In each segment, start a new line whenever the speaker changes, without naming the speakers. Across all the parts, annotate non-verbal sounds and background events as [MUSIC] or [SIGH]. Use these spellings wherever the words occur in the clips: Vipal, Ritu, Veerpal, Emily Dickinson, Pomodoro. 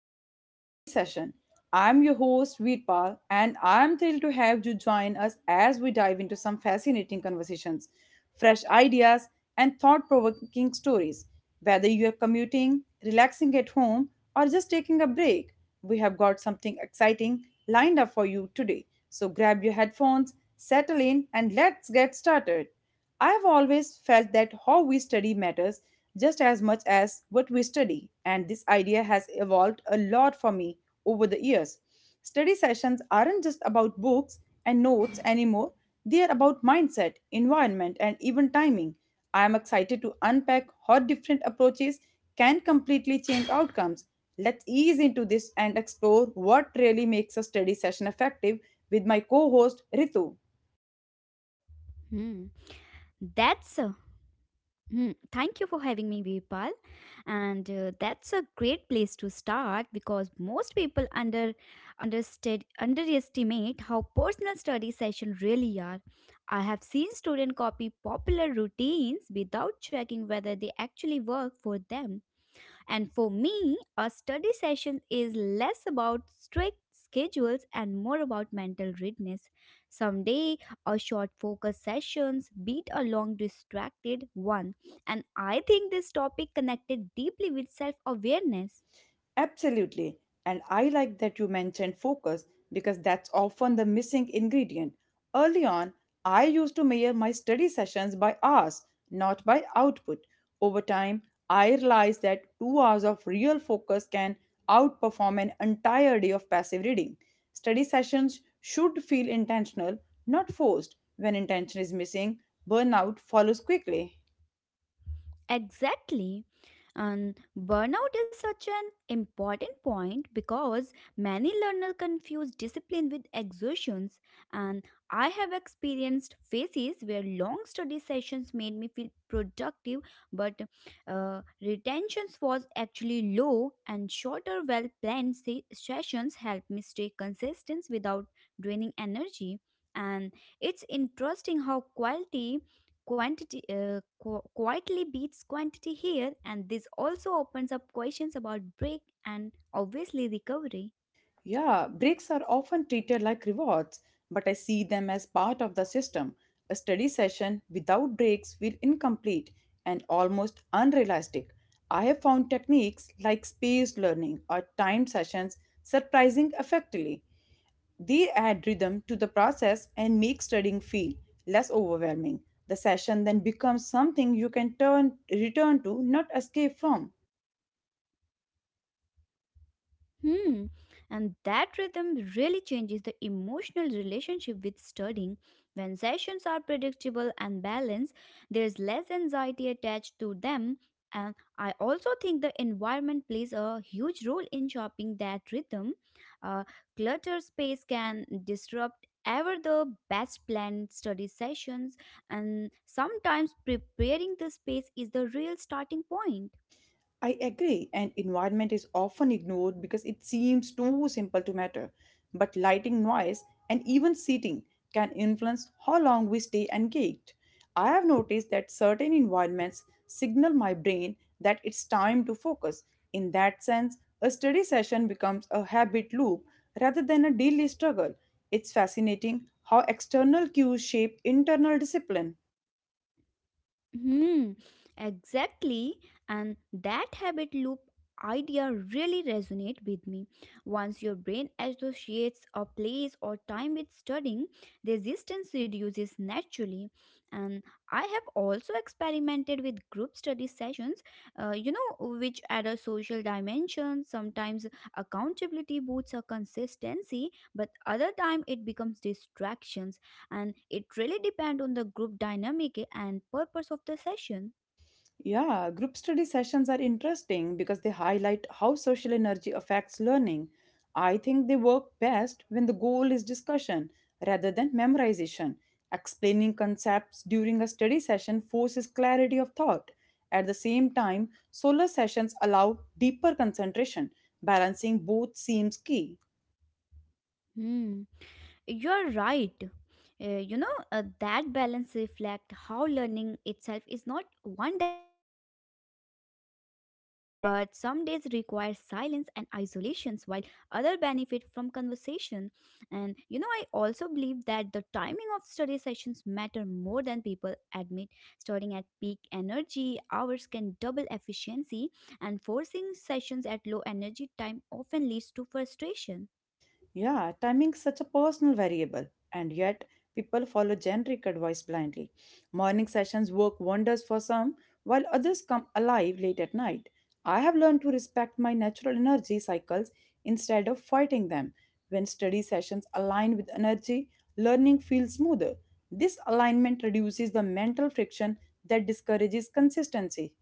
episode of the study session. I'm your host, Veerpal, and I'm thrilled to have you join us as we dive into some fascinating conversations, fresh ideas, and thought provoking stories. Whether you're commuting, relaxing at home, or just taking a break, we have got something exciting lined up for you today. So grab your headphones, settle in, and let's get started. I have always felt that how we study matters just as much as what we study, and this idea has evolved a lot for me over the years. Study sessions aren't just about books and notes anymore, they are about mindset, environment, and even timing. I am excited to unpack how different approaches can completely change outcomes. Let's ease into this and explore what really makes a study session effective with my co host Ritu.
Hmm. That's a hmm. Thank you for having me, Vipal. And That's a great place to start because most people underestimate how personal study sessions really are. I have seen students copy popular routines without checking whether they actually work for them. And for me, a study session is less about strict schedules and more about mental readiness. Someday, a short focus sessions beat a long distracted one. And I think this topic connected deeply with self-awareness.
Absolutely. And I like that you mentioned focus because that's often the missing ingredient. Early on, I used to measure my study sessions by hours, not by output. Over time, I realized that 2 hours of real focus can outperform an entire day of passive reading. Study sessions should feel intentional, not forced. When intention is missing, burnout follows quickly.
Exactly. And burnout is such an important point because many learners confuse discipline with exertions. And I have experienced phases where long study sessions made me feel productive, but retentions was actually low, and shorter, well planned sessions helped me stay consistent without draining energy. And it's interesting how quietly beats quantity here, and this also opens up questions about break and obviously recovery.
Yeah, breaks are often treated like rewards, but I see them as part of the system. A study session without breaks will incomplete and almost unrealistic. I have found techniques like spaced learning or timed sessions surprising effectively. They add rhythm to the process and make studying feel less overwhelming. The session then becomes something you can turn return to, not escape from.
Hmm. And that rhythm really changes the emotional relationship with studying. When sessions are predictable and balanced, there's less anxiety attached to them. And I also think the environment plays a huge role in shaping that rhythm. Uh, Cluttered space can disrupt ever the best planned study sessions, and sometimes preparing the space is the real starting point.
I agree, and environment is often ignored because it seems too simple to matter. But lighting, noise, and even seating can influence how long we stay engaged. I have noticed that certain environments signal my brain that it's time to focus. In that sense, a study session becomes a habit loop rather than a daily struggle. It's fascinating how external cues shape internal discipline.
Hmm, exactly. And that habit loop idea really resonate with me. Once your brain associates a place or time with studying, resistance reduces naturally. And I have also experimented with group study sessions, you know, which add a social dimension. Sometimes accountability boosts a consistency, but other time it becomes distractions and it really depends on the group dynamic and purpose of the session.
Yeah, group study sessions are interesting because they highlight how social energy affects learning. I think they work best when the goal is discussion rather than memorization. Explaining concepts during a study session forces clarity of thought. At the same time, solo sessions allow deeper concentration. Balancing both seems key.
Hmm. You're right. That balance reflects how learning itself is not one dimensional, but some days require silence and isolations, while other benefit from conversation. And you know, I also believe that the timing of study sessions matter more than people admit. Starting at peak energy hours can double efficiency, and forcing sessions at low energy time often leads to frustration.
Yeah, timing is such a personal variable, and yet people follow generic advice blindly. Morning sessions work wonders for some, while others come alive late at night. I have learned to respect my natural energy cycles instead of fighting them. When study sessions align with energy, learning feels smoother. This alignment reduces the mental friction that discourages consistency.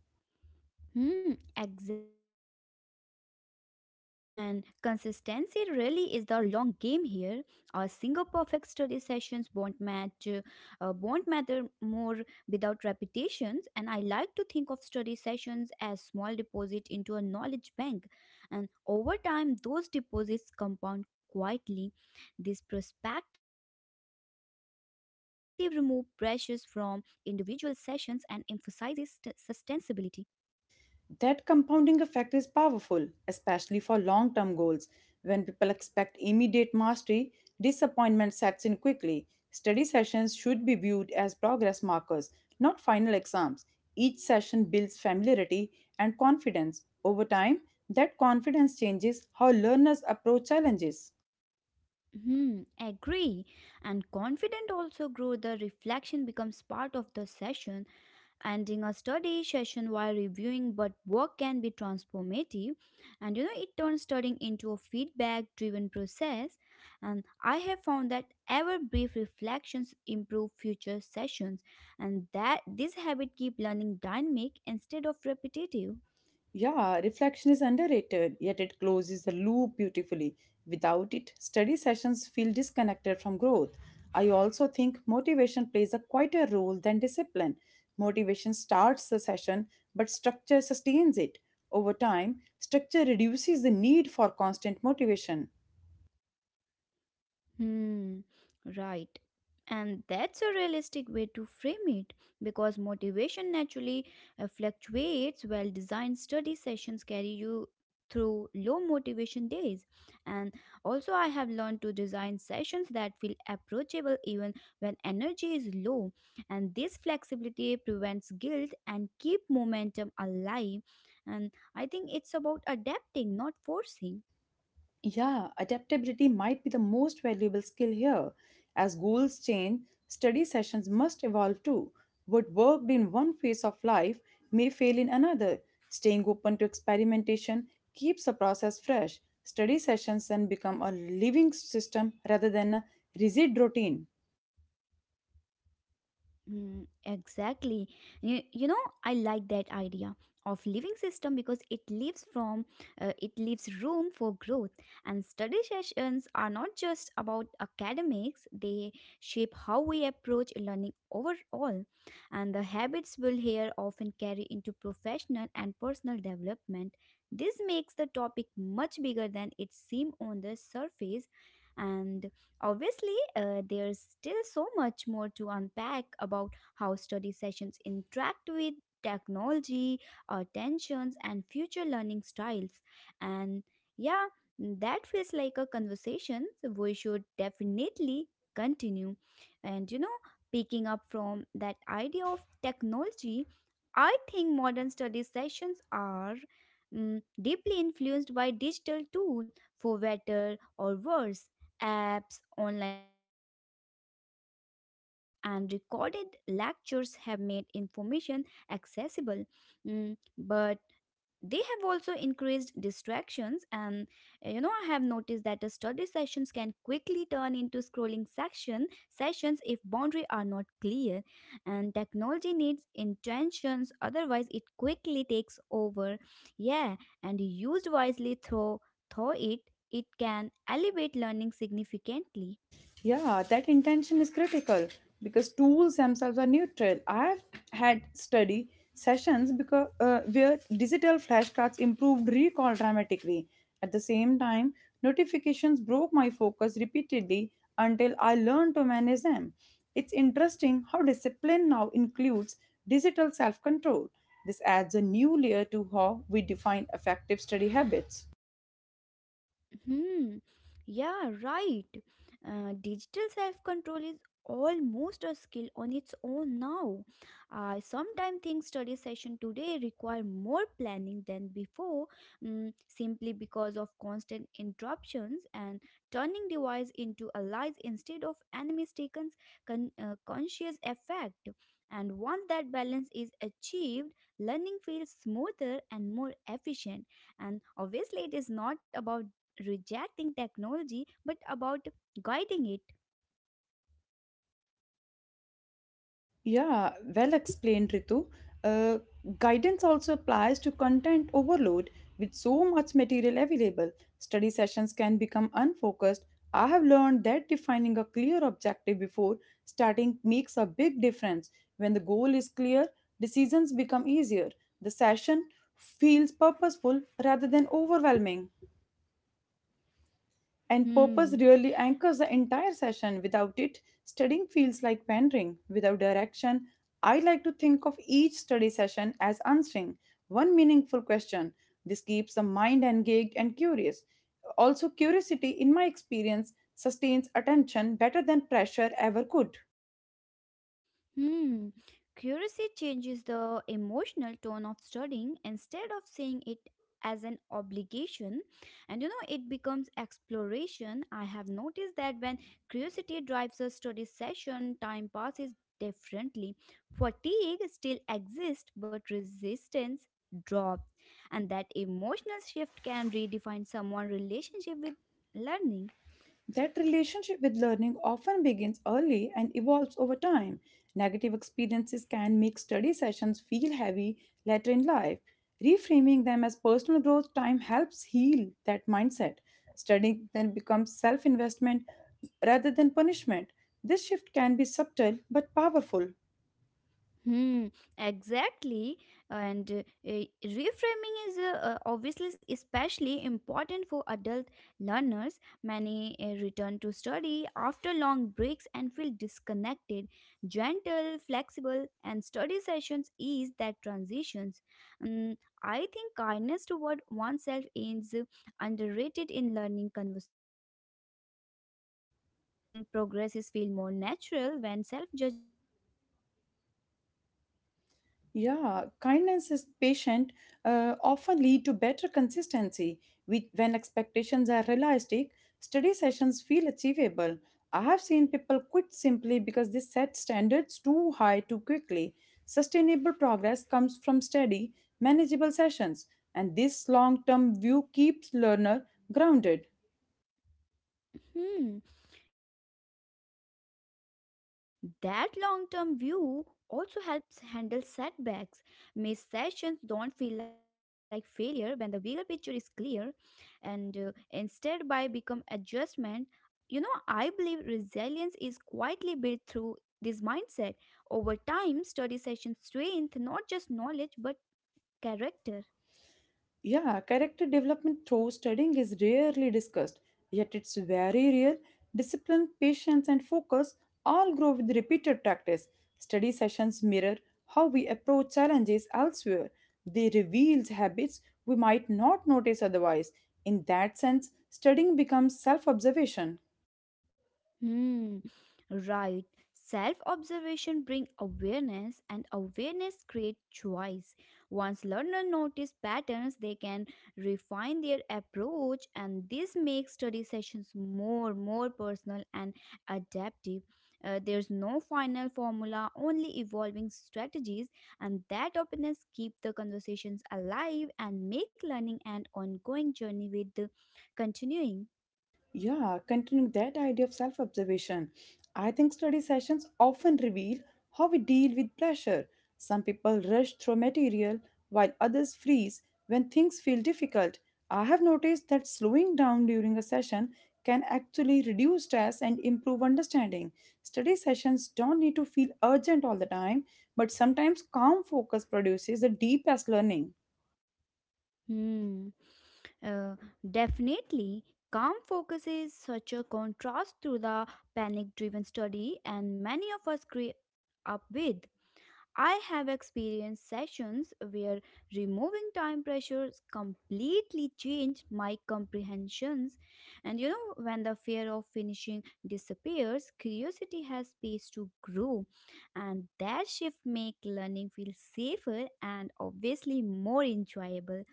Hmm, exactly. And consistency really is the long game here. A single perfect study sessions won't matter more without repetitions. And I like to think of study sessions as small deposit into a knowledge bank. And over time, those deposits compound quietly. This perspective removes pressures from individual sessions and emphasizes sustainability.
That compounding effect is powerful, especially for long term goals. When people expect immediate mastery, disappointment sets in quickly. Study sessions should be viewed as progress markers, not final exams. Each session builds familiarity and confidence. Over time, that confidence changes how learners approach challenges.
Hmm, agree. And confident also grow the reflection becomes part of the session. Ending a study session while reviewing but work can be transformative. And you know it turns studying into a feedback driven process. And I have found that ever brief reflections improve future sessions and that this habit keep learning dynamic instead of repetitive.
Yeah, reflection is underrated, yet it closes the loop beautifully. Without it, study sessions feel disconnected from growth. I also think motivation plays a quieter role than discipline. Motivation starts the session, but structure sustains it. Over time, structure reduces the need for constant motivation.
Hmm, right. And that's a realistic way to frame it because motivation naturally fluctuates. Well designed study sessions carry you through low motivation days. And also, I have learned to design sessions that feel approachable even when energy is low. And this flexibility prevents guilt and keep momentum alive. And I think it's about adapting, not forcing.
Yeah, adaptability might be the most valuable skill here. As goals change, study sessions must evolve too. What worked in one phase of life may fail in another. Staying open to experimentation keeps the process fresh. Study sessions then become a living system rather than a rigid routine.
Mm, exactly. You know, I like that idea of living system because it leaves room for growth, and study sessions are not just about academics. They shape how we approach learning overall, and the habits we'll here often carry into professional and personal development. This makes the topic much bigger than it seems on the surface. And obviously, there's still so much more to unpack about how study sessions interact with technology, attentions, and future learning styles. And yeah, that feels like a conversation we should definitely continue. And you know, picking up from that idea of technology, I think modern study sessions are deeply influenced by digital tools, for better or worse. Apps, online resources, and recorded lectures have made information accessible. But they have also increased distractions. And you know, I have noticed that a study sessions can quickly turn into scrolling section sessions if boundary are not clear, and technology needs intentions, otherwise it quickly takes over. Yeah, and used wisely through it, it can elevate learning significantly.
Yeah, that intention is critical because tools themselves are neutral. I've had study sessions because where digital flashcards improved recall dramatically. At the same time, notifications broke my focus repeatedly until I learned to manage them. It's interesting how discipline now includes digital self-control. This adds a new layer to how we define effective study habits.
Hmm. Yeah, right. Digital self control is almost a skill on its own now. I sometimes think study session today require more planning than before, simply because of constant interruptions, and turning device into allies instead of enemies taken conscious effect. And once that balance is achieved, learning feels smoother and more efficient, and obviously it is not about rejecting technology but about guiding it.
Yeah, well explained, Ritu. Uh, Guidance also applies to content overload. With so much material available, study sessions can become unfocused. I have learned that defining a clear objective before starting makes a big difference. When the goal is clear, decisions become easier. The session feels purposeful rather than overwhelming. And purpose
Hmm.
really anchors the entire session. Without it, studying feels like wandering. Without direction, I like to think of each study session as answering one meaningful question. This keeps the mind engaged and curious. Also, curiosity, in my experience, sustains attention better than pressure ever could.
Hmm. Curiosity changes the emotional tone of studying. Instead of seeing it as an obligation, and you know, it becomes exploration. I have noticed that when curiosity drives a study session, time passes differently. Fatigue still exists but resistance drops, and that emotional shift can redefine someone's relationship with learning.
That relationship with learning often begins early and evolves over time. Negative experiences can make study sessions feel heavy later in life. Reframing them as personal growth time helps heal that mindset. Studying then becomes self investment rather than punishment. This shift can be subtle but powerful.
Hmm, exactly. And reframing is obviously especially important for adult learners. Many return to study after long breaks and feel disconnected. Gentle, flexible, and study sessions ease that transitions. Mm, I think kindness toward oneself is underrated in learning conversations. Mm, progress is feel more natural when self judgment is reduced.
Yeah, kindness is patient, often lead to better consistency. We, when expectations are realistic, study sessions feel achievable. I have seen people quit simply because they set standards too high too quickly. Sustainable progress comes from steady, manageable sessions, and this long-term view keeps learner grounded.
Hmm. And that long term view also helps handle setbacks. Missed sessions don't feel like failure when the bigger picture is clear, and instead by become adjustment. You know, I believe resilience is quietly built through this mindset. Over time, study sessions strength not just knowledge but character.
Yeah, character development through studying is rarely discussed, yet it's very real. Discipline, patience, and focus all grow with repeated practice. Study sessions mirror how we approach challenges elsewhere. They reveal habits we might not notice otherwise. In that sense, studying becomes self observation.
Hmm, right. Self observation bring awareness and awareness create choice. Once learner notice patterns, they can refine their approach, and this makes study sessions more personal and adaptive. There's no final formula, only evolving strategies, and that openness keep the conversations alive and make learning an ongoing journey with the continuing.
Yeah, continuing that idea of self observation, I think study sessions often reveal how we deal with pressure. Some people rush through material while others freeze when things feel difficult. I have noticed that slowing down during a session can actually reduce stress and improve understanding. Study sessions don't need to feel urgent all the time, but sometimes calm focus produces the deepest learning.
Hmm. Uh, Definitely, calm focus is such a contrast to the panic driven study, and many of us grew up with. I have experienced sessions where removing time pressures completely changed my comprehensions. And you know, when the fear of finishing disappears, curiosity has space to grow. And that shift makes learning feel safer and obviously more enjoyable.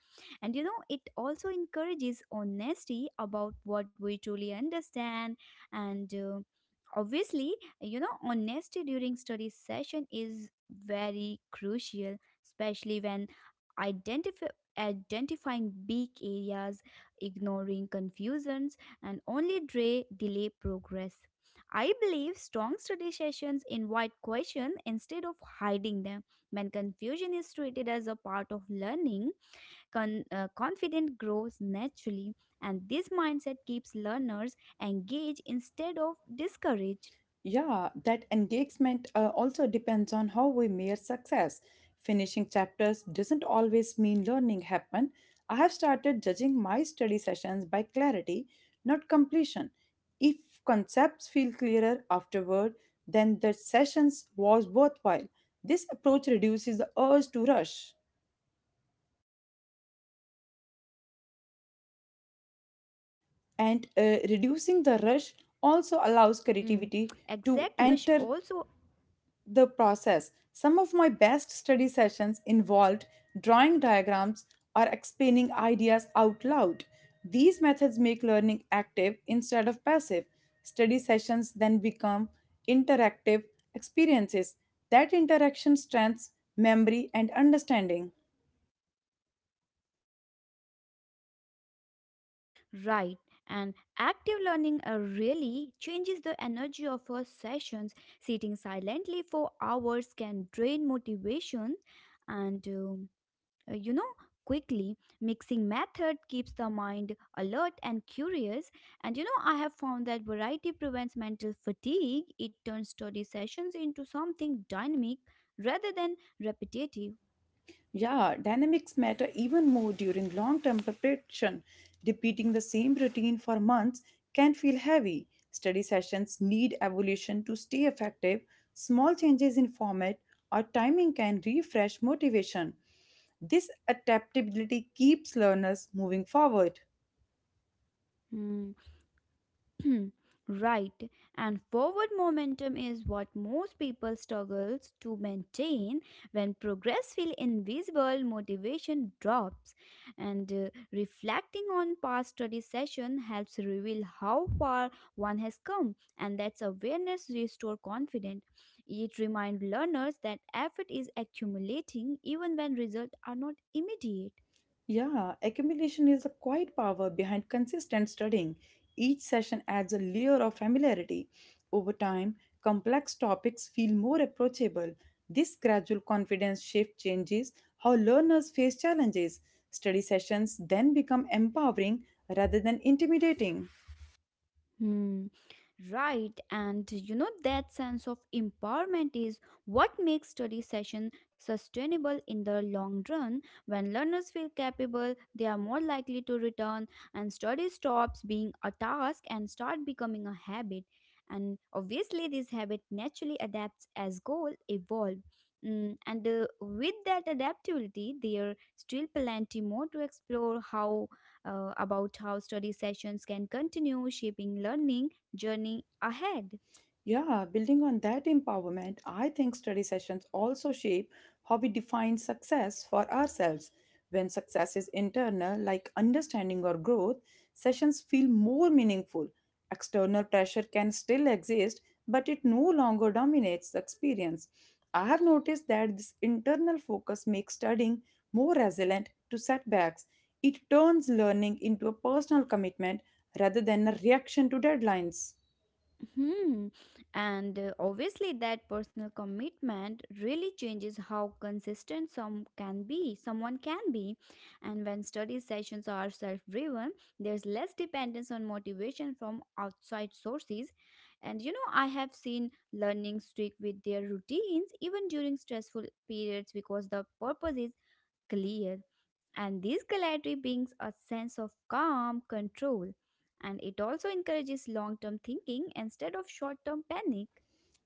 And you know, it also encourages honesty about what we truly understand. And obviously, you know, honesty during study session is very crucial, especially when identify identifying big areas, ignoring confusions, and only delay progress. I believe strong study sessions invite questions instead of hiding them. When confusion is treated as a part of learning, confidence grows naturally, and this mindset keeps learners engaged instead of discouraged.
Yeah, that engagement also depends on how we measure success. Finishing chapters doesn't always mean learning happened. I have started judging my study sessions by clarity, not completion. If concepts feel clearer afterward, then the sessions was worthwhile. This approach reduces the urge to rush, and
Hmm,
reducing the
exactly.
rush
And
also
reducing
allows
the rush
creativity
also.
to enter the process. Some of my best study sessions involved drawing diagrams or explaining ideas out loud. These methods make learning active instead of passive. Study sessions then become interactive experiences. That interaction strengthens memory and understanding.
Hmm, right. And active learning really changes the energy of our sessions. Sitting silently for hours can drain motivation. And. You know, quickly mixing method keeps the mind alert and curious, and you know I have found that variety prevents mental fatigue. It turns study sessions into something dynamic rather than repetitive.
Yeah, dynamics matter even more during long term preparation. Repeating the same routine for months can feel heavy. Study sessions need evolution to stay effective. Small changes in format or timing can refresh motivation. This adaptability keeps learners moving forward.
Hmm. [CLEARS THROAT] Right. And forward momentum is what most people struggles to maintain. When progress feels invisible, motivation drops, and reflecting on past study session helps reveal how far one has come, and that's awareness restore confidence. It reminds learners that effort is accumulating even when results are not immediate.
Yeah, accumulation is a quiet power behind consistent studying. Each session adds a layer of familiarity. Over time, complex topics feel more approachable. This gradual confidence shift changes how learners face challenges. Study sessions then become empowering rather than intimidating.
Hmm, right. And you know, that sense of empowerment is what makes study session sustainable in the long run. When learners feel capable, they are more likely to return, and study stops being a task and start becoming a habit. And obviously, this habit naturally adapts as goal evolve. Mm, and with that adaptability, there are still plenty more to explore how about how study sessions can continue shaping learning journey ahead.
Yeah, building on that empowerment, I think study sessions also shape how we define success for ourselves. When success is internal, like understanding or growth, sessions feel more meaningful. External pressure can still exist, but it no longer dominates the experience. I have noticed that this internal focus makes studying more resilient to setbacks. It turns learning into a personal commitment rather than a reaction to deadlines.
Hmm. And obviously, that personal commitment really changes how consistent some can be, someone can be. And when study sessions are self-driven, there's less dependence on motivation from outside sources. And you know, I have seen learning stick with their routines even during stressful periods because the purpose is clear, and these clarity brings a sense of calm control, and it also encourages long term thinking instead of short term panic.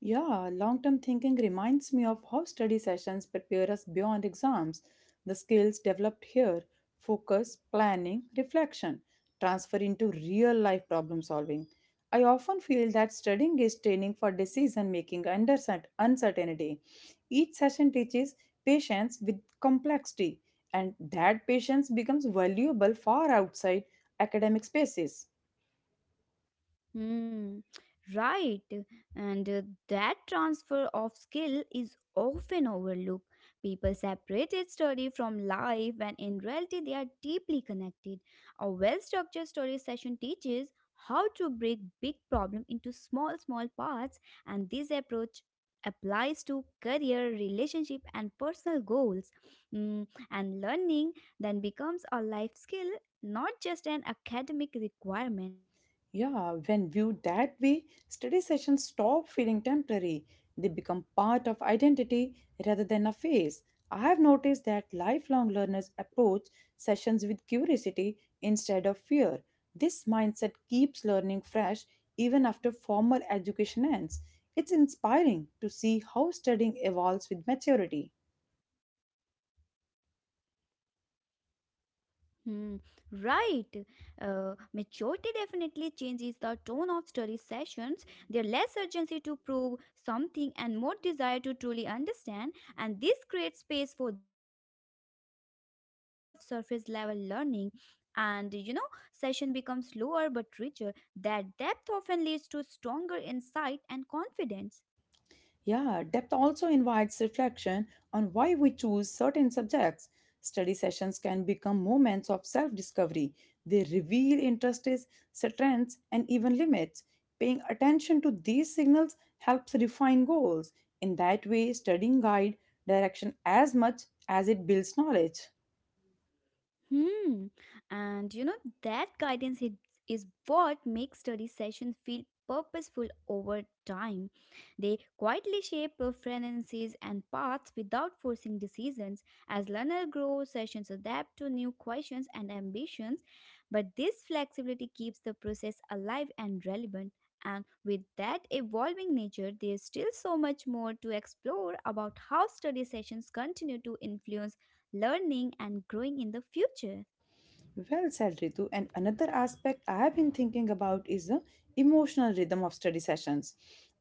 Yeah, long term thinking reminds me of how study sessions prepare us beyond exams. The skills developed here focus, planning, reflection transfer into real life problem solving. I often feel that studying is training for decision making under uncertainty. Each session teaches patience with complexity, and that patience becomes valuable far outside academic spaces.
Hmm, right. And that transfer of skill is often overlooked. People separated study from life when in reality they are deeply connected. A well structured study session teaches how to break big problem into small parts, and this approach applies to career relationship and personal goals. Hmm, and learning then becomes a life skill, not just an academic requirement.
Yeah, when viewed that way, study sessions stop feeling temporary. They become part of identity rather than a phase. I have noticed that lifelong learners approach sessions with curiosity instead of fear. This mindset keeps learning fresh even after formal education ends. It's inspiring to see how studying evolves with maturity.
Hmm, right. Maturity definitely changes the tone of study sessions. There less urgency to prove something and more desire to truly understand, and this creates space for depth instead of surface level learning. And you know, session becomes slower but richer. That depth often leads to stronger insight and confidence.
Yeah, depth also invites reflection on why we choose certain subjects. Study sessions can become moments of self discovery. They reveal interests, strengths, and even limits. Paying attention to these signals helps refine goals. In that way, studying guide direction as much as it builds knowledge.
Hmm. And you know, that guidance is, is what makes study sessions feel purposeful over time. They quietly shape preferences and paths without forcing decisions. As learners grow, sessions adapt to new questions and ambitions. But this flexibility keeps the process alive and relevant. And with that evolving nature, there's still so much more to explore about how study sessions continue to influence learning and growing in the future.
Well said, Ritu. And another aspect I have been thinking about is the emotional rhythm of study sessions.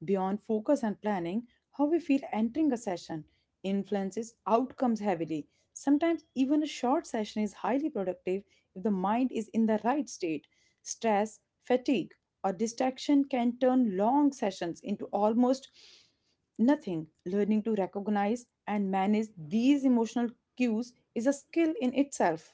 Beyond focus and planning, how we feel entering a session influences outcomes heavily. Sometimes, even a short session is highly productive if the mind is in the right state. Stress, fatigue, or distraction can turn long sessions into almost nothing. Learning to recognize and manage these emotional cues is a skill in itself.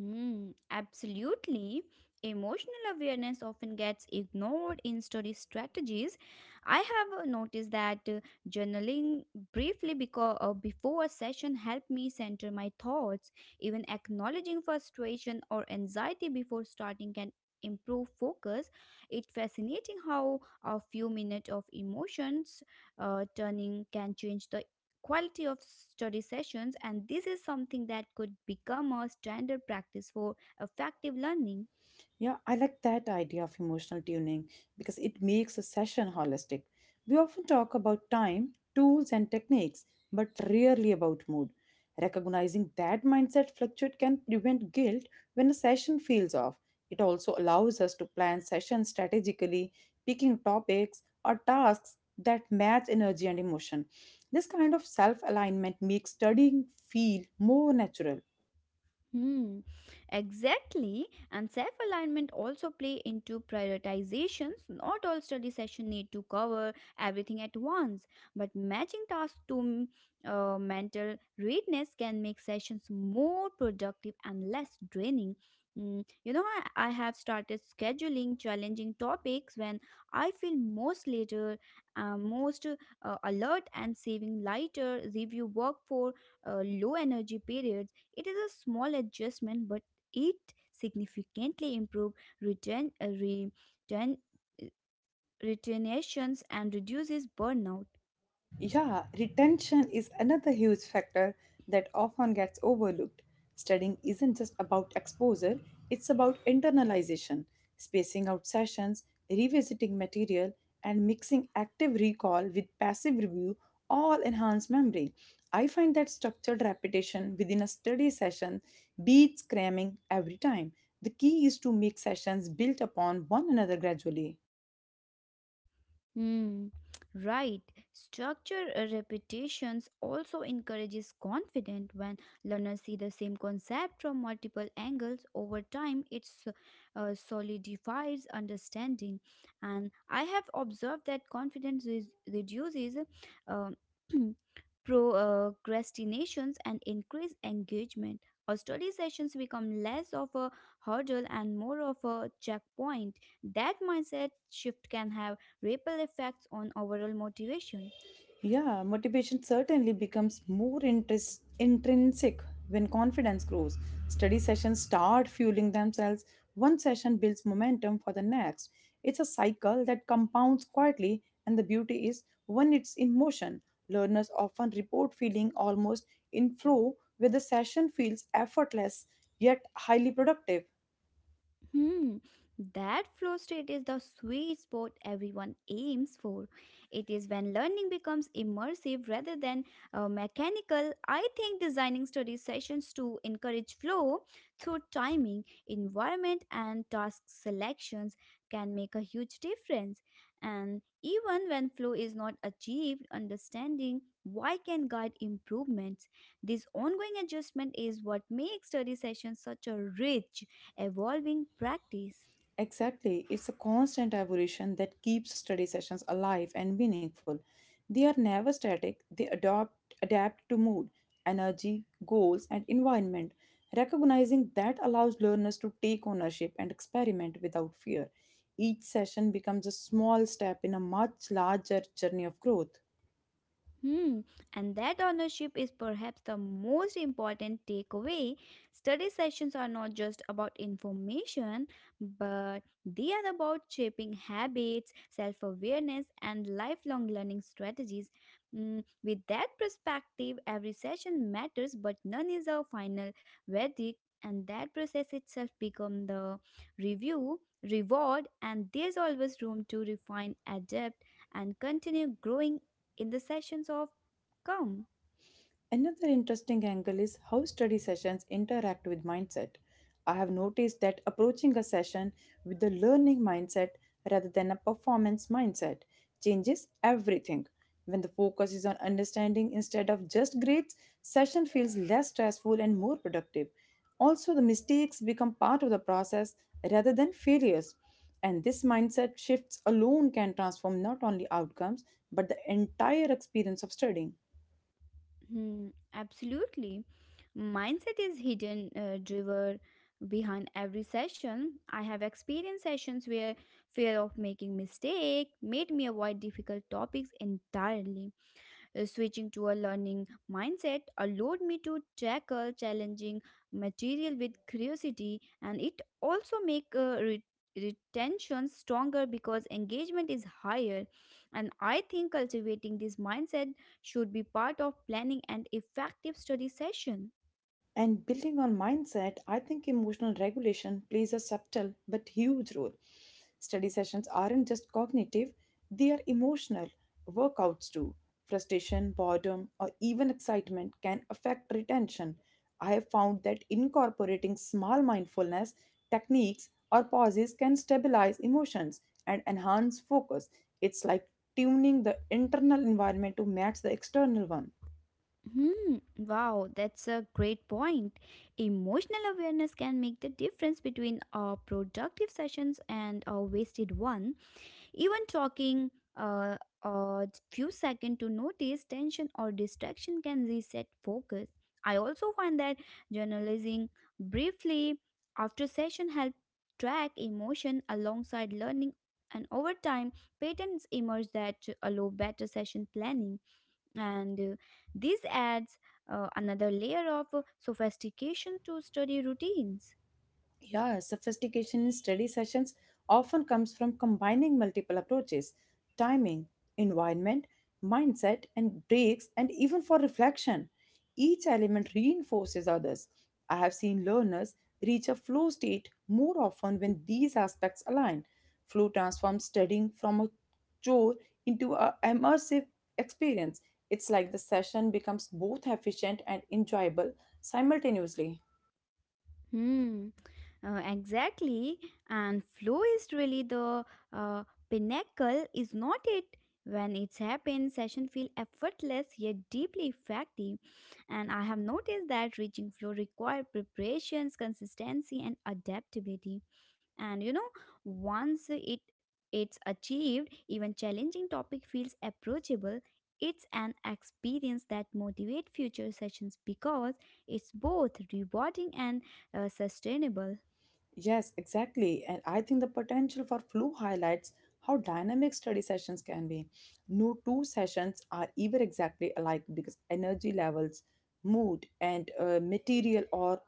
Hmm, absolutely. Emotional awareness often gets ignored in study strategies. I have noticed that journaling briefly before a session helped me center my thoughts. Even acknowledging frustration or anxiety before starting can improve focus. It's fascinating how a few minutes of emotions turning can change the quality of study sessions, and this is something that could become a standard practice for effective learning.
Yeah, I like that idea of emotional tuning because it makes a session holistic. We often talk about time, tools, and techniques, but rarely about mood. Recognizing that mindset fluctuate can prevent guilt when a session feels off. It also allows us to plan sessions strategically, picking topics or tasks that match energy and emotion. This kind of self alignment makes studying feel more natural.
Hmm, exactly. And self alignment also play into prioritizations. Not all study session need to cover everything at once, but matching tasks to mental readiness can make sessions more productive and less draining. You know, I have started scheduling challenging topics when I feel most later, most alert, and saving lighter review work for low energy periods. It is a small adjustment, but it significantly improves return, uh, retentions and reduces burnout.
Yeah, retention is another huge factor that often gets overlooked. Studying isn't just about exposure, it's about internalization, spacing out sessions, revisiting material, and mixing active recall with passive review all enhance memory. I find that structured repetition within a study session beats cramming every time. The key is to make sessions built upon one another gradually.
Hmm, right. Structure repetitions also encourages confidence when learners see the same concept from multiple angles over time. It solidifies understanding, and I have observed that confidence is, reduces um [CLEARS THROAT] procrastinations and increase engagement. Our study sessions become less of a hurdle and more of a checkpoint. That mindset shift can have ripple effects on overall motivation.
Yeah, motivation certainly becomes more interest, intrinsic when confidence grows. Study sessions start fueling themselves. One session builds momentum for the next. It's a cycle that compounds quietly, and the beauty is when it's in motion. Learners often report feeling almost in flow, where the session feels effortless yet highly productive.
Hmm, that flow state is the sweet spot everyone aims for. It is when learning becomes immersive rather than mechanical. I think designing study sessions to encourage flow through timing, environment, and task selections can make a huge difference. And even when flow is not achieved, understanding why can guide improvements. This ongoing adjustment is what makes study sessions such a rich evolving practice.
Exactly. It's a constant evolution that keeps study sessions alive and meaningful. They are never static, they adopt, adapt to mood, energy, goals, and environment. Recognizing that allows learners to take ownership and experiment without fear. Each session becomes a small step in a much larger journey of growth.
Hmm, and that ownership is perhaps the most important takeaway. Study sessions are not just about information, but they are about shaping habits, self awareness, and lifelong learning strategies. With that perspective, every session matters, but none is a final verdict, and that process itself becomes the review, reward, and there's always room to refine, adapt, and continue growing in the sessions of come.
Another interesting angle is how study sessions interact with mindset. I have noticed that approaching a session with a learning mindset rather than a performance mindset changes everything. When the focus is on understanding instead of just grades, session feels less stressful and more productive. Also, the mistakes become part of the process rather than failures. And this mindset shifts alone can transform not only outcomes but the entire experience of studying.
Hmm, absolutely. Mindset is hidden driver behind every session. I have experienced sessions where fear of making mistake made me avoid difficult topics entirely. Switching to a learning mindset allowed me to tackle challenging material with curiosity, and it also make retention stronger because engagement is higher. And I think cultivating this mindset should be part of planning an effective study session.
And building on mindset, I think emotional regulation plays a subtle but huge role. Study sessions aren't just cognitive, they are emotional. Workouts too. Frustration, boredom, or even excitement can affect retention. I have found that incorporating small mindfulness techniques or pauses can stabilize emotions and enhance focus. It's like tuning the internal environment to match the external one.
Hmm, wow, that's a great point. Emotional awareness can make the difference between a productive sessions and a wasted one. Even talking a few seconds to notice tension or distraction can reset focus. I also find that journalizing briefly after session help track emotion alongside learning, and over time patterns emerge that allow better session planning, and this adds another layer of sophistication to study routines.
Yeah, sophistication in study sessions often comes from combining multiple approaches timing, environment, mindset, and breaks, and even for reflection. Each element reinforces others. I have seen learners reach a flow state more often when these aspects align. Flow transforms studying from a chore into an immersive experience. It's like the session becomes both efficient and enjoyable simultaneously.
Hmm. Exactly. And flow is really the uh, pinnacle, is not it? When it's happens, session feel effortless yet deeply effective. And I have noticed that reaching flow require preparations, consistency, and adaptability. And you know, once it's achieved, even challenging topic feels approachable. It's an experience that motivate future sessions because it's both rewarding and sustainable.
Yes, exactly. And I think the potential for flu highlights how dynamic study sessions can be. No two sessions are ever exactly alike because energy levels, mood, and material or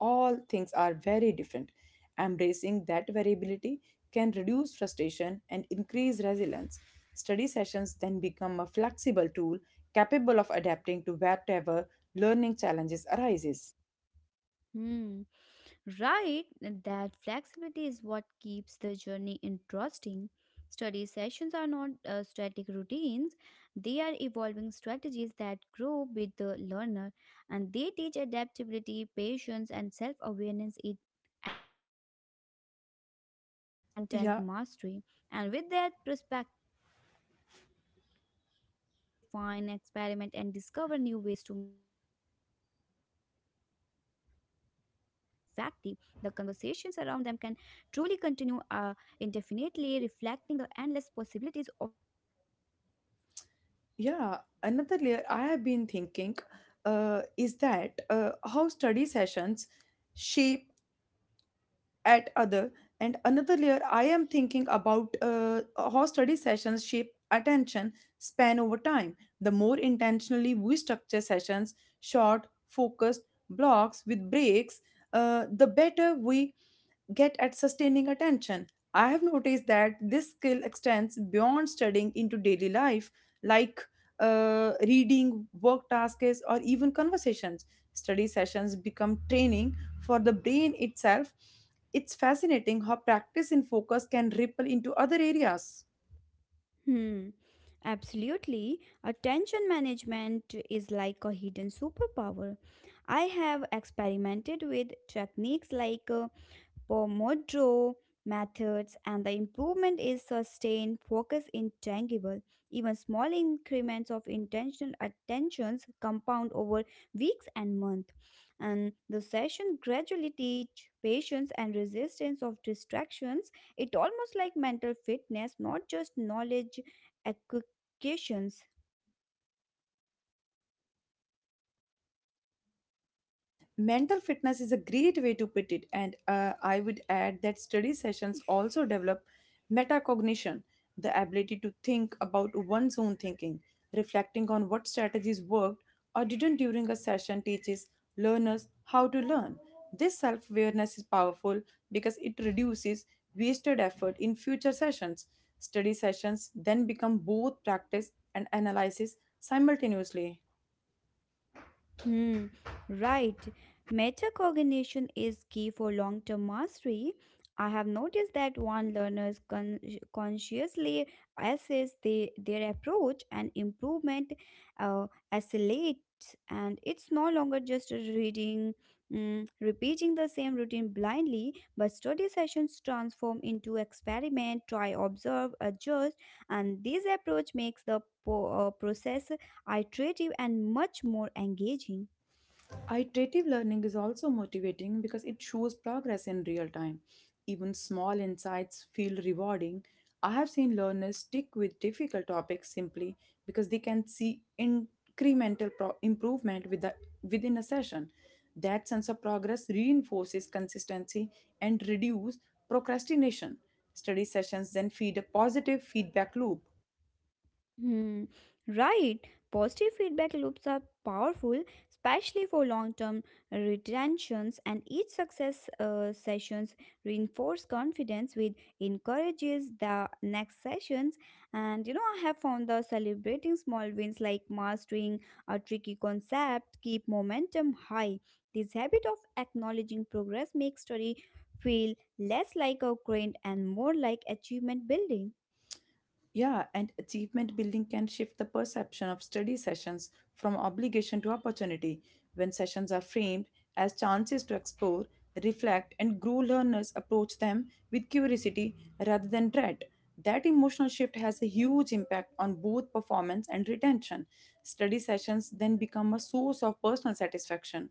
all things are very different. Embracing that variability can reduce frustration and increase resilience. Study sessions then become a flexible tool capable of adapting to whatever learning challenges arises.
Hmm. Right, that flexibility is what keeps the journey interesting. Study sessions are not static routines, they are evolving strategies that grow with the learner, and they teach adaptability, patience, and self awareness in addition to content mastery. And
Yeah,
with that perspective, there's always room to refine, experiment, and discover new ways to make study sessions even more effective. The conversations around them can truly continue indefinitely, reflecting the endless possibilities of learning itself.
Yeah, another layer I have been thinking is that how study sessions shape at other and another layer I am thinking about how study sessions shape attention span over time, the more intentionally we structure sessions, short focused blocks with breaks, the better we get at sustaining attention. I have noticed that this skill extends beyond studying into daily life, like reading, work tasks, or even conversations. Study sessions become training for the brain itself, it's fascinating how practice and focus can ripple into other areas.
Hmm. Absolutely. Attention management is like a hidden superpower. I have experimented with techniques like Pomodoro methods, and the improvement is sustained focus in tangible. Even small increments of intentional attentions compound over weeks and months. And the session gradually teach patience and resistance of distractions. It almost like mental fitness, not just knowledge acquisitions.
Mental fitness is a great way to put it, and I would add that study sessions also develop metacognition, the ability to think about one's own thinking. Reflecting on what strategies worked or didn't during a session teaches learners how to learn. This self-awareness is powerful because it reduces wasted effort in future sessions. Study sessions then become both practice and analysis simultaneously.
Hmm, right. Metacognition is key for long term mastery. I have noticed that one learners consciously assess the, their approach and improvement accelerates, and it's no longer just a reading, repeating the same routine blindly, but study sessions transform into experiment, try, observe, adjust, and this approach makes the process iterative, and much more engaging.
Iterative learning is also motivating because it shows progress in real time. Even small insights feel rewarding. I have seen learners stick with difficult topics simply because they can see incremental improvement within a session. That sense of progress reinforces consistency and reduces procrastination. Study sessions then feed a positive feedback loop.
Hmm, right. Positive feedback loops are powerful, especially for long-term retentions, and each success sessions reinforce confidence, which encourages the next sessions. And you know, I have found the celebrating small wins like mastering a tricky concept keep momentum high. This habit of acknowledging progress makes study feel less like a grind and more like achievement building.
Yeah, and achievement building can shift the perception of study sessions from obligation to opportunity. When sessions are framed as chances to explore, reflect, and grow, learners approach them with curiosity rather than dread. That emotional shift has a huge impact on both performance and retention. Study sessions then become a source of personal satisfaction.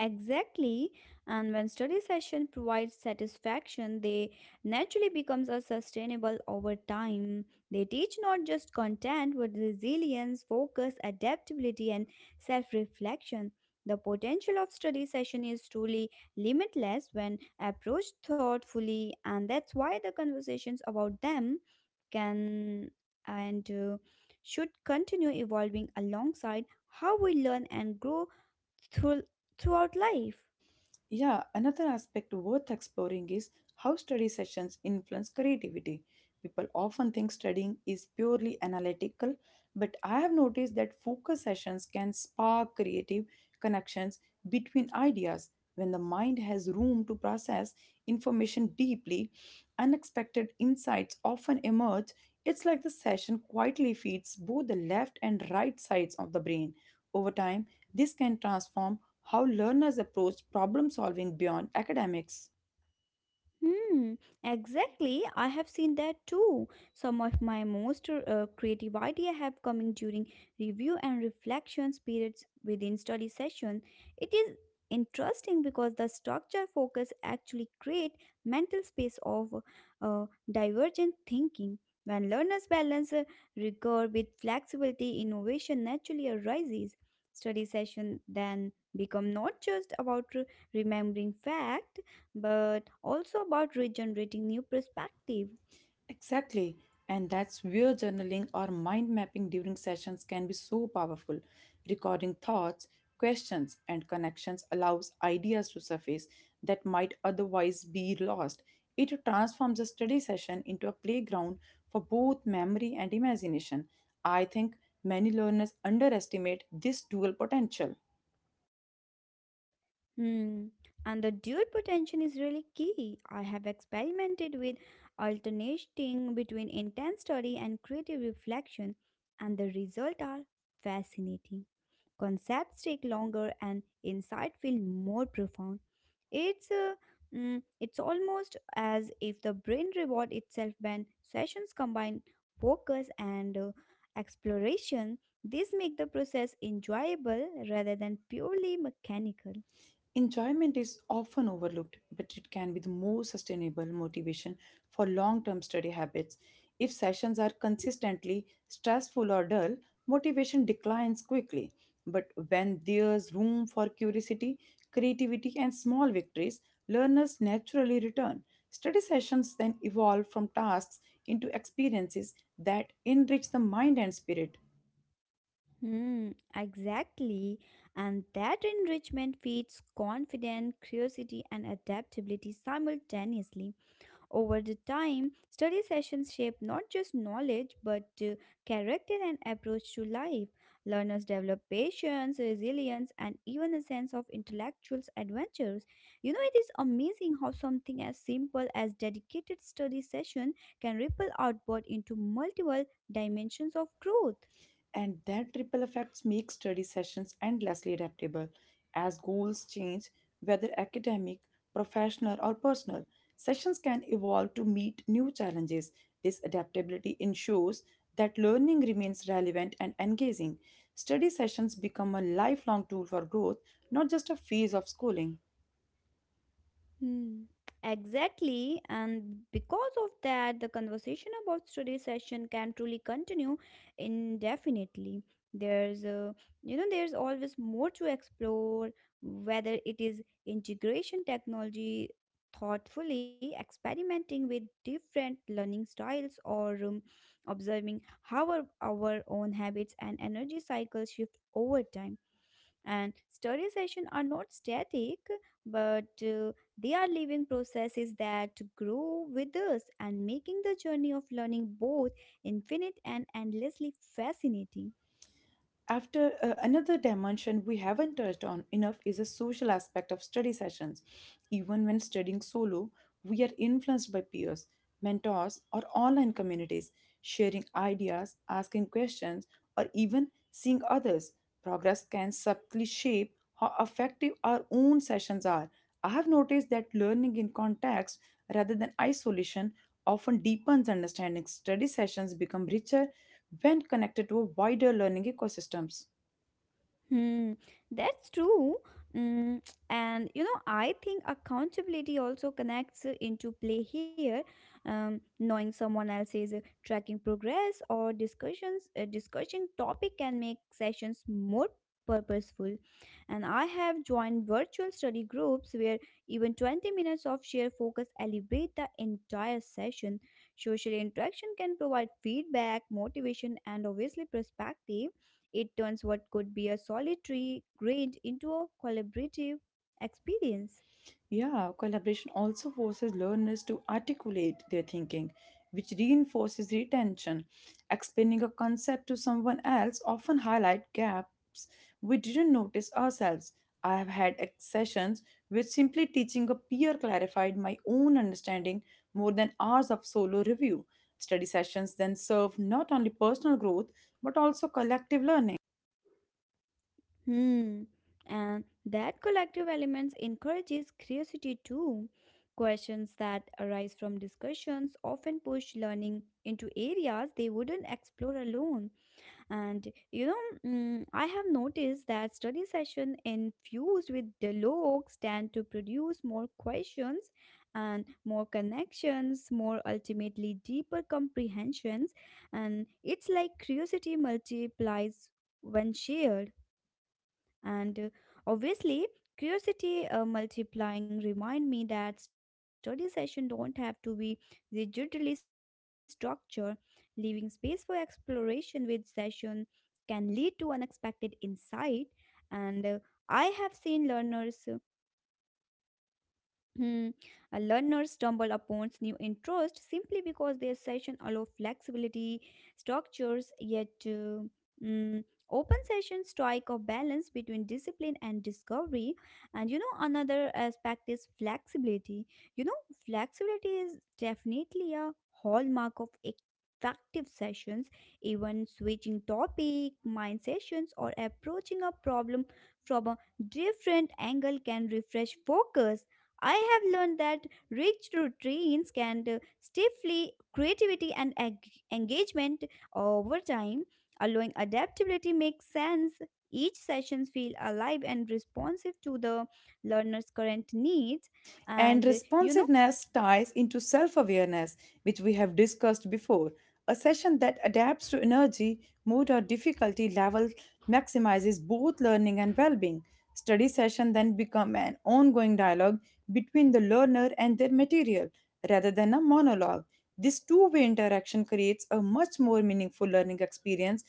Exactly, and when study session provides satisfaction, they naturally becomes a sustainable over time. They teach not just content but resilience, focus, adaptability, and self-reflection. The potential of study session is truly limitless when approached thoughtfully, and that's why the conversations about them can and should continue evolving alongside how we learn and grow through, throughout life.
Yeah, another aspect worth exploring is how study sessions influence creativity. People often think studying is purely analytical, but I have noticed that focus sessions can spark creative connections between ideas. When the mind has room to process information deeply, unexpected insights often emerge. It's like the session quietly feeds both the left and right sides of the brain. Over time, this can transform how learners approach problem solving beyond academics.
Hmm, exactly. I have seen that too. Some of my most creative idea have coming during review and reflection periods within study session. It is interesting because the structure focus actually create mental space of divergent thinking. When learners balance rigor with flexibility, innovation naturally arises. Study session then become not just about remembering fact but also about regenerating new perspective.
Exactly, and that's where journaling or mind mapping during sessions can be so powerful. Recording thoughts, questions, and connections allows ideas to surface that might otherwise be lost. It transforms a study session into a playground for both memory and imagination. I think many learners underestimate this dual potential.
Hmm. And the dual potential is really key. I have experimented with alternating between intense study and creative reflection, and the results are fascinating. Concepts take longer and insight feel more profound. It's it's almost as if the brain reward itself when sessions combine focus and exploration. This make the process enjoyable rather than purely mechanical.
Enjoyment is often overlooked, but it can be the most sustainable motivation for long term study habits. If sessions are consistently stressful or dull, motivation declines quickly. But when there's room for curiosity, creativity, and small victories, learners naturally return. Study sessions then evolve from tasks into experiences that enrich the mind and spirit.
Hmm, exactly. And that enrichment feeds confidence, curiosity, and adaptability simultaneously. Over the time, study sessions shape not just knowledge but character and approach to life. Learners develop patience, resilience, and even a sense of intellectual adventures. You know, it is amazing how something as simple as dedicated study session can ripple outward into multiple dimensions of growth.
And that triple effect makes study sessions endlessly adaptable. As goals change, whether academic, professional, or personal, sessions can evolve to meet new challenges. This adaptability ensures that learning remains relevant and engaging. Study sessions become a lifelong tool for growth, not just a phase of schooling.
Hmm. Exactly, and because of that, the conversation about study session can truly continue indefinitely. There's a, you know, there's always more to explore, whether it is integration technology, thoughtfully experimenting with different learning styles, or observing how our own habits and energy cycles shift over time, and study sessions are not static but they are living processes that grow with us, and making the journey of learning both infinite and endlessly fascinating.
After another dimension we haven't touched on enough is a social aspect of study sessions. Even when studying solo, we are influenced by peers, mentors, or online communities, sharing ideas, asking questions, or even seeing others. Progress can subtly shape how effective our own sessions are. I have noticed that learning in context rather than isolation often deepens understanding. Study sessions become richer when connected to a wider learning ecosystems.
Hmm, that's true. Mm, and you know, I think accountability also connects into play here. Knowing someone else is tracking progress or discussions, discussing topic can make sessions more purposeful. And I have joined virtual study groups where even 20 minutes of shared focus elevate the entire session. Social interaction can provide feedback, motivation, and obviously perspective. It turns what could be a solitary grind into a collaborative experience.
Yeah, collaboration also forces learners to articulate their thinking, which reinforces retention. Explaining a concept to someone else often highlights gaps we didn't notice ourselves. I have had sessions where simply teaching a peer clarified my own understanding more than hours of solo review. Study sessions then serve not only personal growth but also collective learning.
Hmm. And that collective elements encourages curiosity too. Questions that arise from discussions often push learning into areas they wouldn't explore alone. And you know, I have noticed that study session infused with dialogues tend to produce more questions and more connections, more ultimately deeper comprehensions. And it's like curiosity multiplies when shared. And obviously, curiosity multiplying remind me that study session don't have to be orderly structure, leaving space for exploration with session can lead to unexpected insight. And I have seen learners. Hmm. A learner stumble upon new interest simply because their session allow flexibility, structures, yet mm, open sessions strike a balance between discipline and discovery. And you know another aspect is flexibility. You know flexibility is definitely a hallmark of effective sessions. Even switching topic, mind sessions, or approaching a problem from a different angle can refresh focus. I have learned that rich routines can stifle creativity and engagement over time, allowing adaptability makes sense. Each session feel alive and responsive to the learner's current needs,
And
and you know.
responsiveness ties into self awareness, which we have discussed before. A session that adapts to energy, mood, or difficulty level maximizes both learning and well being. Study sessions then become an ongoing dialogue between the learner and their material rather than a monologue. This two-way interaction creates a much more meaningful learning experience.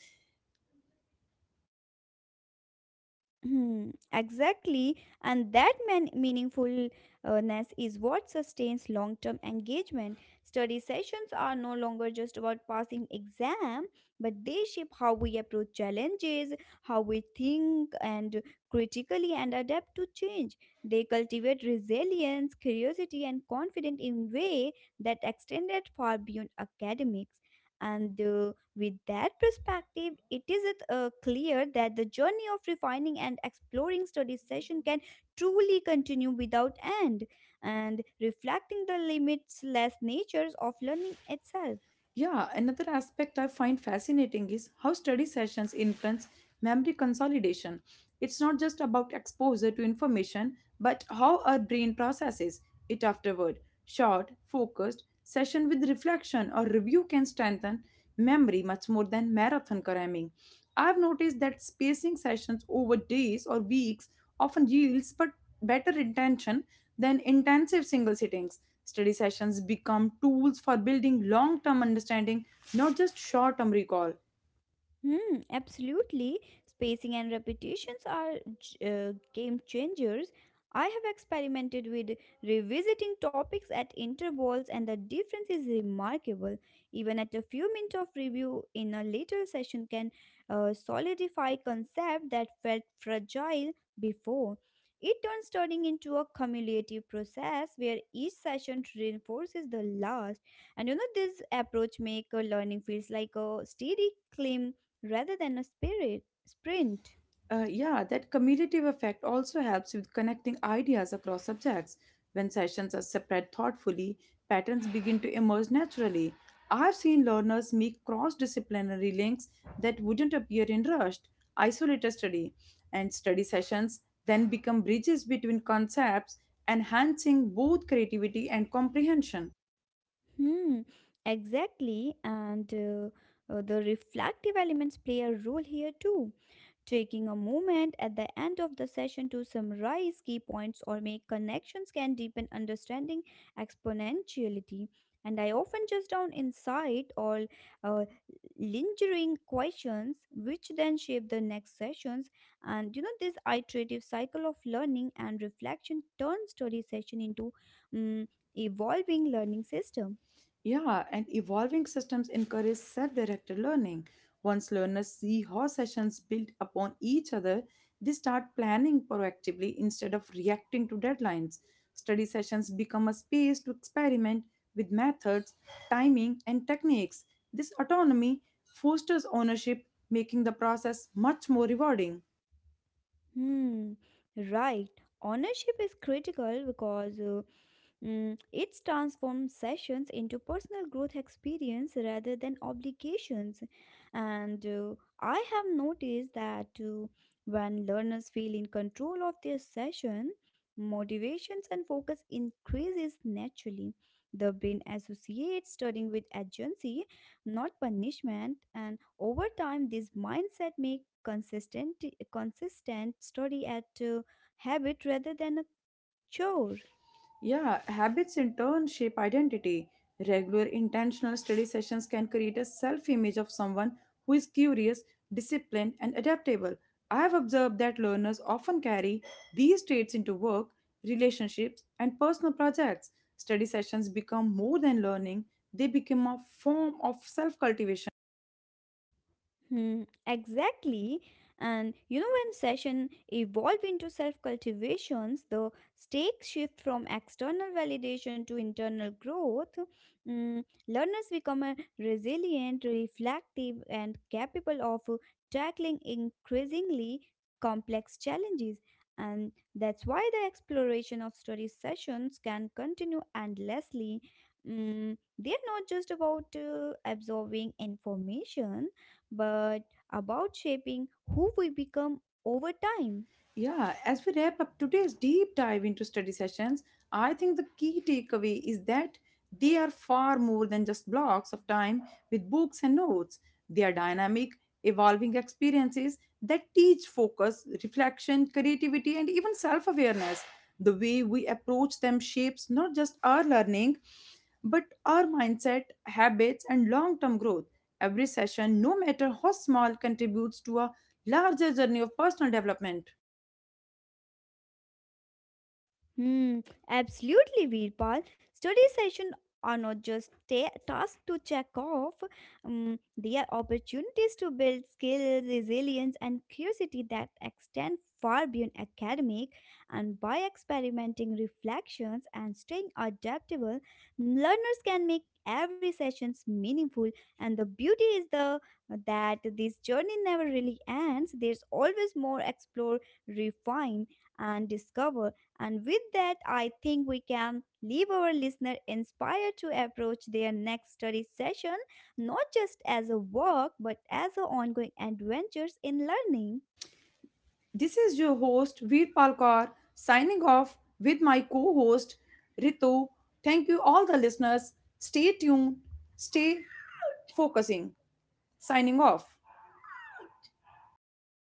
Hmm, exactly, and that meaningfulness is what sustains long term engagement. Study sessions are no longer just about passing exam, but they shape how we approach challenges, how we think and critically and adapt to change. They cultivate resilience, curiosity, and confidence in way that extended far beyond academics. And with that perspective, it is clear that the journey of refining and exploring study session can truly continue without end, and reflecting the limitless natures of learning itself.
Yeah, another aspect I find fascinating is how study sessions influence memory consolidation. It's not just about exposure to information, but how our brain processes it afterward. Short, focused session with reflection or review can strengthen memory much more than marathon cramming. I've noticed that spacing sessions over days or weeks often yields but better intention than intensive single sittings. Study sessions become tools for building long term understanding, not just short term recall.
Hmm, absolutely. Spacing and repetitions are game changers. I have experimented with revisiting topics at intervals, and the difference is remarkable. Even at a few minutes of review in a later session can solidify concept that felt fragile before. It turns studying into a cumulative process where each session reinforces the last. And you know this approach make learning feels like a steady climb rather than a spirit sprint.
Yeah, that cumulative effect also helps with connecting ideas across subjects. When sessions are spread thoughtfully, patterns begin to emerge naturally. I've seen learners make cross disciplinary links that wouldn't appear in rushed, isolated study, and study sessions then become bridges between concepts, enhancing both creativity and comprehension.
Hmm, exactly. And the reflective elements play a role here too. Taking a moment at the end of the session to summarize key points or make connections can deepen understanding exponentiality. And I often just down insight or uh, lingering questions, which then shape the next sessions. And you know, this iterative cycle of learning and reflection turns study session into evolving learning system.
Yeah, and evolving systems encourage self directed learning. Once learners see how sessions build upon each other, they start planning proactively instead of reacting to deadlines. Study sessions become a space to experiment with methods, timing, and techniques. This autonomy fosters ownership, making the process much more rewarding.
Hmm, right. Ownership is critical because it's transformed sessions into personal growth experience rather than obligations. And I have noticed that when learners feel in control of their session, motivations and focus increases naturally. The brain associates studying with agency, not punishment, and over time this mindset make consistent study at habit rather than a chore.
Yeah, habits in turn shape identity. Regular intentional study sessions can create a self image of someone who is curious, disciplined, and adaptable. I have observed that learners often carry these traits into work, relationships, and personal projects. Study sessions become more than learning, they become a form of self cultivation.
Hmm, exactly. And you know, when session evolve into self cultivations, the stakes shift from external validation to internal growth. Learners become resilient, reflective, and capable of tackling increasingly complex challenges. And that's why the exploration of study sessions can continue endlessly. They are not just about absorbing information but about shaping who we become over time.
Yeah, as we wrap up today's deep dive into study sessions, I think the key takeaway is that they are far more than just blocks of time with books and notes. They are dynamic, evolving experiences that teach focus, reflection, creativity, and even self awareness. The way we approach them shapes not just our learning, but our mindset, habits, and long term growth. Every session, no matter how small, contributes to a larger journey of personal development.
Hmm, absolutely, Veerpal. Study sessions are not just tasks to check off, they are opportunities to build skills, resilience, and curiosity that extend far beyond academic. And by experimenting reflections and staying adaptable, learners can make every sessions meaningful, and the beauty is the that this journey never really ends. There's always more explore, refine, and discover. And with that, I think we can leave our listener inspired to approach their next study session not just as a work but as an ongoing adventures in learning.
This is your host Veer Palkar signing off with my co-host Ritu. Thank you all the listeners. Stay tuned, stay focusing. Signing off.